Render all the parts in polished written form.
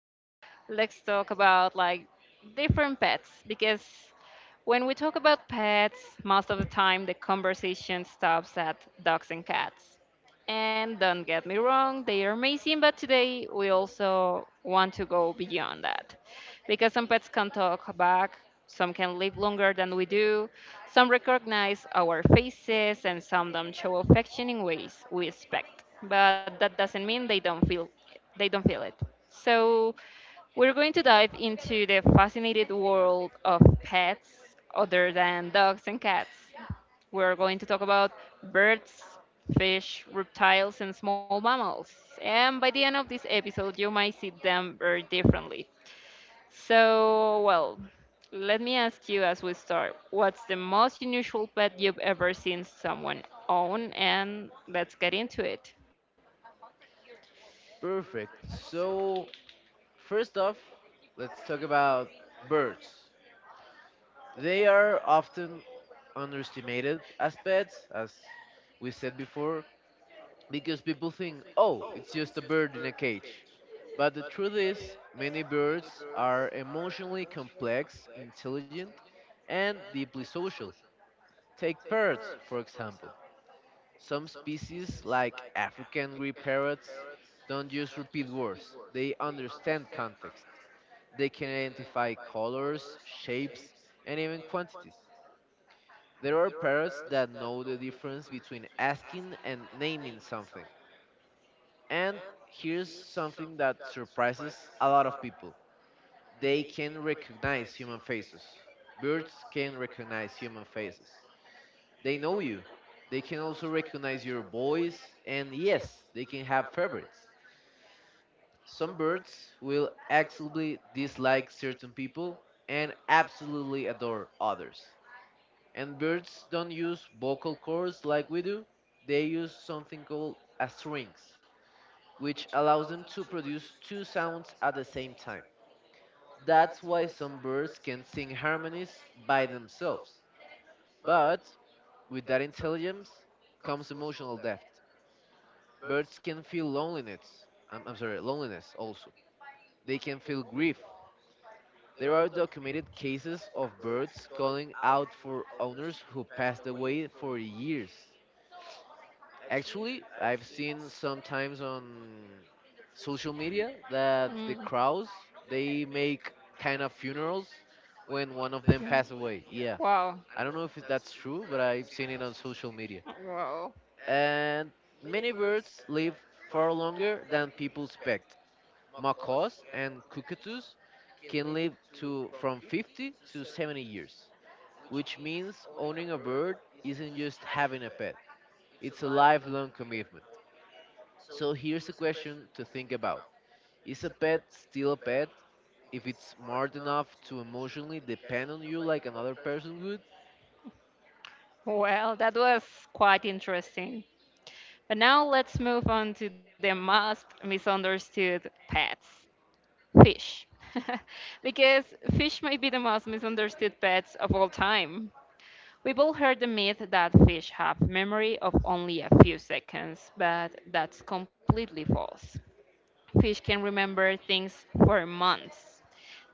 Let's talk about like different pets, because when we talk about pets, most of the time the conversation stops at dogs and cats. And don't get me wrong, they are amazing, but today we also want to go beyond that. Because some pets can talk back, some can live longer than we do, some recognize our faces, and some don't show affection in ways we expect. But that doesn't mean they don't feel it. So we're going to dive into the fascinating world of pets other than dogs and cats. We're going to talk about birds, fish, reptiles, and small mammals. And by the end of this episode, you might see them very differently. So, well, let me ask you, as we start, what's the most unusual pet you've ever seen someone own? And let's get into it. Perfect. So, first off, let's talk about birds. They are often underestimated as pets, as we said before, because people think, oh, it's just a bird in a cage. But the truth is, many birds are emotionally complex, intelligent, and deeply social. Take parrots, for example. Some species, like African grey parrots, don't just repeat words, they understand context. They can identify colors, shapes, and even quantities. There are parrots that know the difference between asking and naming something. And here's something that surprises a lot of people, they can recognize human faces. Birds can recognize human faces. They know you. They can also recognize your voice, and yes, they can have favorites. Some birds will absolutely dislike certain people and absolutely adore others. And birds don't use vocal cords like we do, they use something called a syrinx, which allows them to produce two sounds at the same time. That's why some birds can sing harmonies by themselves. But with that intelligence comes emotional depth. Birds can feel loneliness. I'm sorry, loneliness also. They can feel grief. There are documented cases of birds calling out for owners who passed away for years. Actually, I've seen sometimes on social media that the Mm. crows they make kind of funerals when one of them passed away. Yeah, Wow. I don't know if that's true, but I've seen it on social media. Wow. And many birds live far longer than people expect. Macaws and cockatoos can live to from 50 to 70 years, which means owning a bird isn't just having a pet, it's a lifelong commitment. So here's a question to think about. Is a pet still a pet if it's smart enough to emotionally depend on you like another person would? Well, that was quite interesting. But now let's move on to the most misunderstood pets: fish. Because fish might be the most misunderstood pets of all time. We've all heard the myth that fish have memory of only a few seconds, but that's completely false. Fish can remember things for months.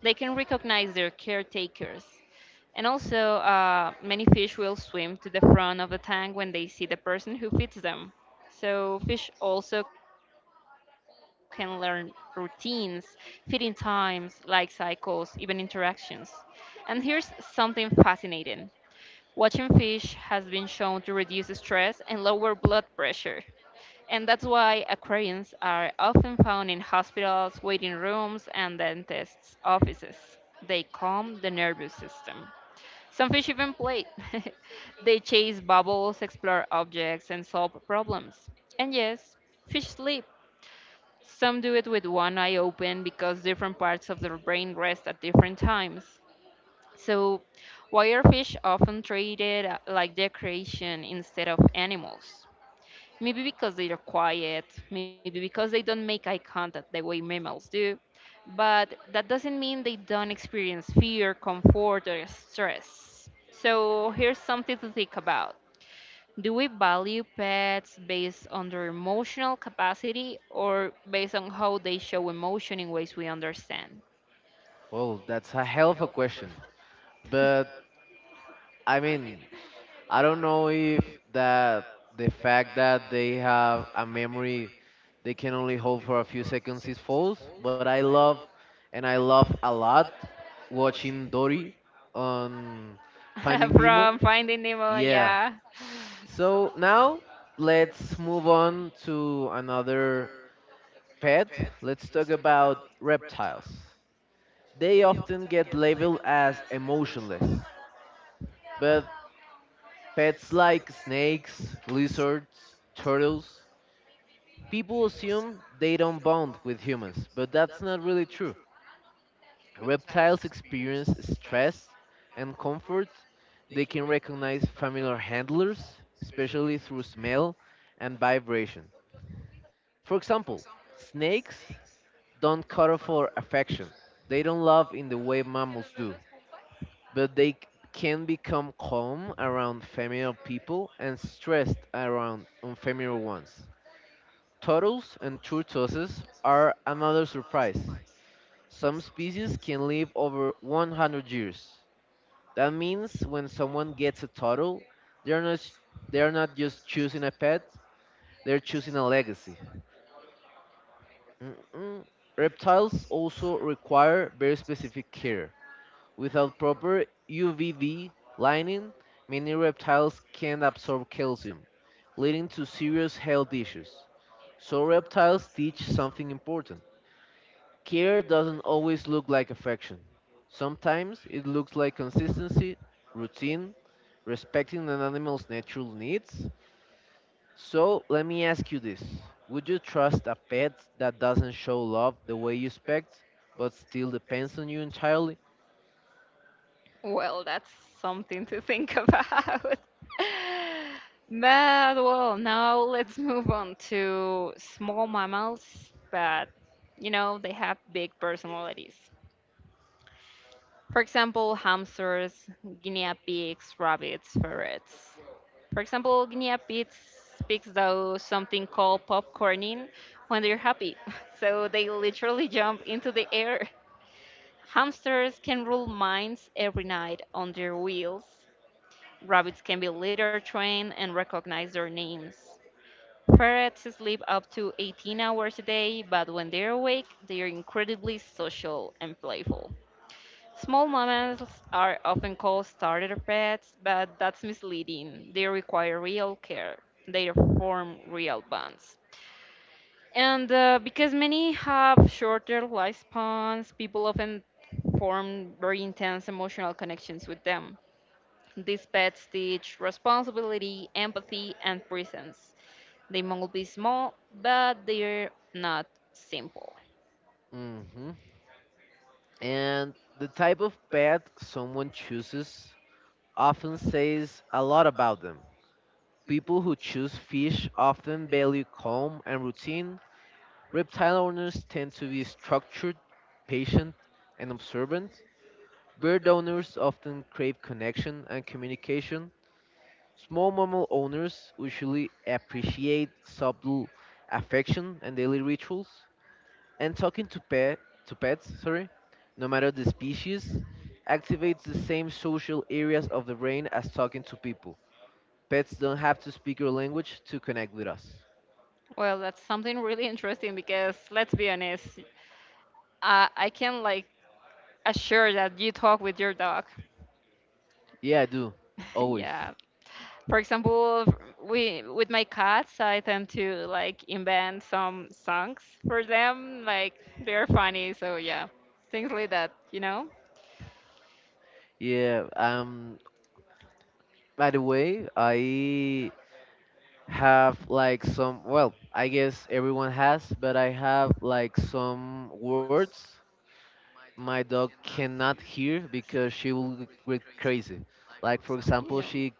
They can recognize their caretakers. And also, many fish will swim to the front of the tank when they see the person who feeds them. So, fish also can learn routines, feeding times, life cycles, even interactions. And here's something fascinating: watching fish has been shown to reduce stress and lower blood pressure. And that's why aquariums are often found in hospitals, waiting rooms, and dentists' offices. They calm the nervous system. Some fish even play. They chase bubbles, explore objects, and solve problems. And yes, fish sleep. Some do it with one eye open because different parts of their brain rest at different times. So, why are fish often treated like decoration instead of animals? Maybe because they are quiet, maybe because they don't make eye contact the way mammals do, but that doesn't mean they don't experience fear, comfort, or stress. So here's something to think about. Do we value pets based on their emotional capacity or based on how they show emotion in ways we understand? Well, that's a hell of a question. But I mean, I don't know if that, the fact that they have a memory they can only hold for a few seconds is false. But I love, and I love a lot, watching Dory on Finding Nemo. From Finding Nemo, Yeah. yeah. So now let's move on to another pet. Let's talk about reptiles. They often get labeled as emotionless, but pets like snakes, lizards, turtles, people assume they don't bond with humans, but that's not really true. Reptiles experience stress and comfort. They can recognize familiar handlers, especially through smell and vibration. For example, snakes don't cuddle for affection. They don't love in the way mammals do, but they can become calm around familiar people and stressed around unfamiliar ones. Turtles and tortoises are another surprise. Some species can live over 100 years. That means when someone gets a turtle, they're not s- they're not just choosing a pet, they're choosing a legacy. Mm-mm. Reptiles also require very specific care. Without proper UVB lining, many reptiles can't absorb calcium, leading to serious health issues. So reptiles teach something important. Care doesn't always look like affection. Sometimes it looks like consistency, routine, respecting an animal's natural needs. So let me ask you this. Would you trust a pet that doesn't show love the way you expect, but still depends on you entirely? Well, that's something to think about. But well, now let's move on to small mammals, but you know, they have big personalities. For example, hamsters, guinea pigs, rabbits, ferrets. For example, guinea pigs do something called popcorning when they're happy. So they literally jump into the air. Hamsters can rule mines every night on their wheels, rabbits can be litter trained and recognize their names. Ferrets sleep up to 18 hours a day, but when they're awake, they are incredibly social and playful. Small mammals are often called starter pets, but that's misleading. They require real care. They form real bonds. And because many have shorter lifespans, people often form very intense emotional connections with them. These pets teach responsibility, empathy, and presence. They might be small, but they're not simple. Hmm. And the type of pet someone chooses often says a lot about them. People who choose fish often value calm and routine. Reptile owners tend to be structured, patient, and observant. Bird owners often crave connection and communication. Small mammal owners usually appreciate subtle affection and daily rituals, and talking to pets, sorry, no matter the species, activates the same social areas of the brain as talking to people. Pets don't have to speak your language to connect with us. Well, that's something really interesting, because let's be honest, I can like assure that you talk with your dog. Yeah, I do. Always. Yeah. For example, we with my cats, I tend to like invent some songs for them. Like they're funny, so yeah, things like that. You know. Yeah, by the way, I have like some, well, I guess everyone has, but I have like some words my dog cannot hear because she will get crazy. Like for You example, know. she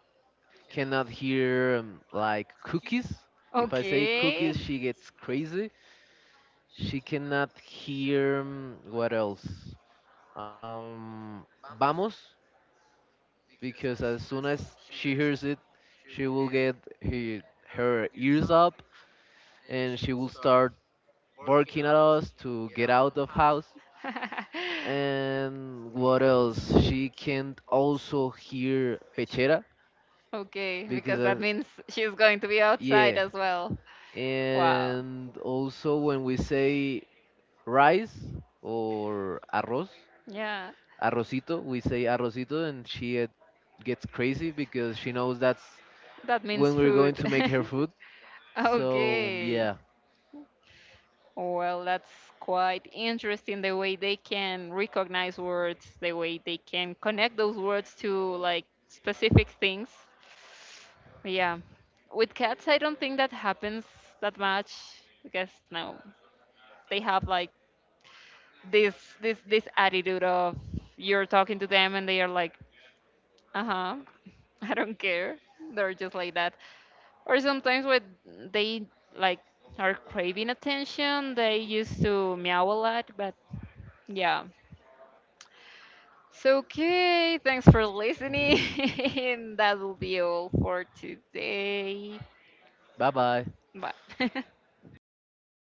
cannot hear like cookies. If I say cookies, Okay. she gets crazy. She cannot hear what else? Vamos, because as soon as she hears it, she will get he, her ears up and she will start barking at us to get out of house. And what else? She can also hear pechera Okay, because because that means she's going to be outside, yeah. yes, as well. Wow. And also when we say rice or arroz, Yeah, arrocito, we say arrocito, and she gets crazy because she knows that's that means when we're food. going to make her food. So Okay. Yeah. yeah. Well, that's quite interesting, the way they can recognize words, the way they can connect those words to like specific things. Yeah. With cats, I don't think that happens that much, because no, they have like this this attitude of you're talking to them and they are like, uh-huh, I don't care. They're just like that. Or sometimes when they like are craving attention, they used to meow a lot, but yeah. So okay, thanks for listening. That will be all for today. Bye bye. Bye.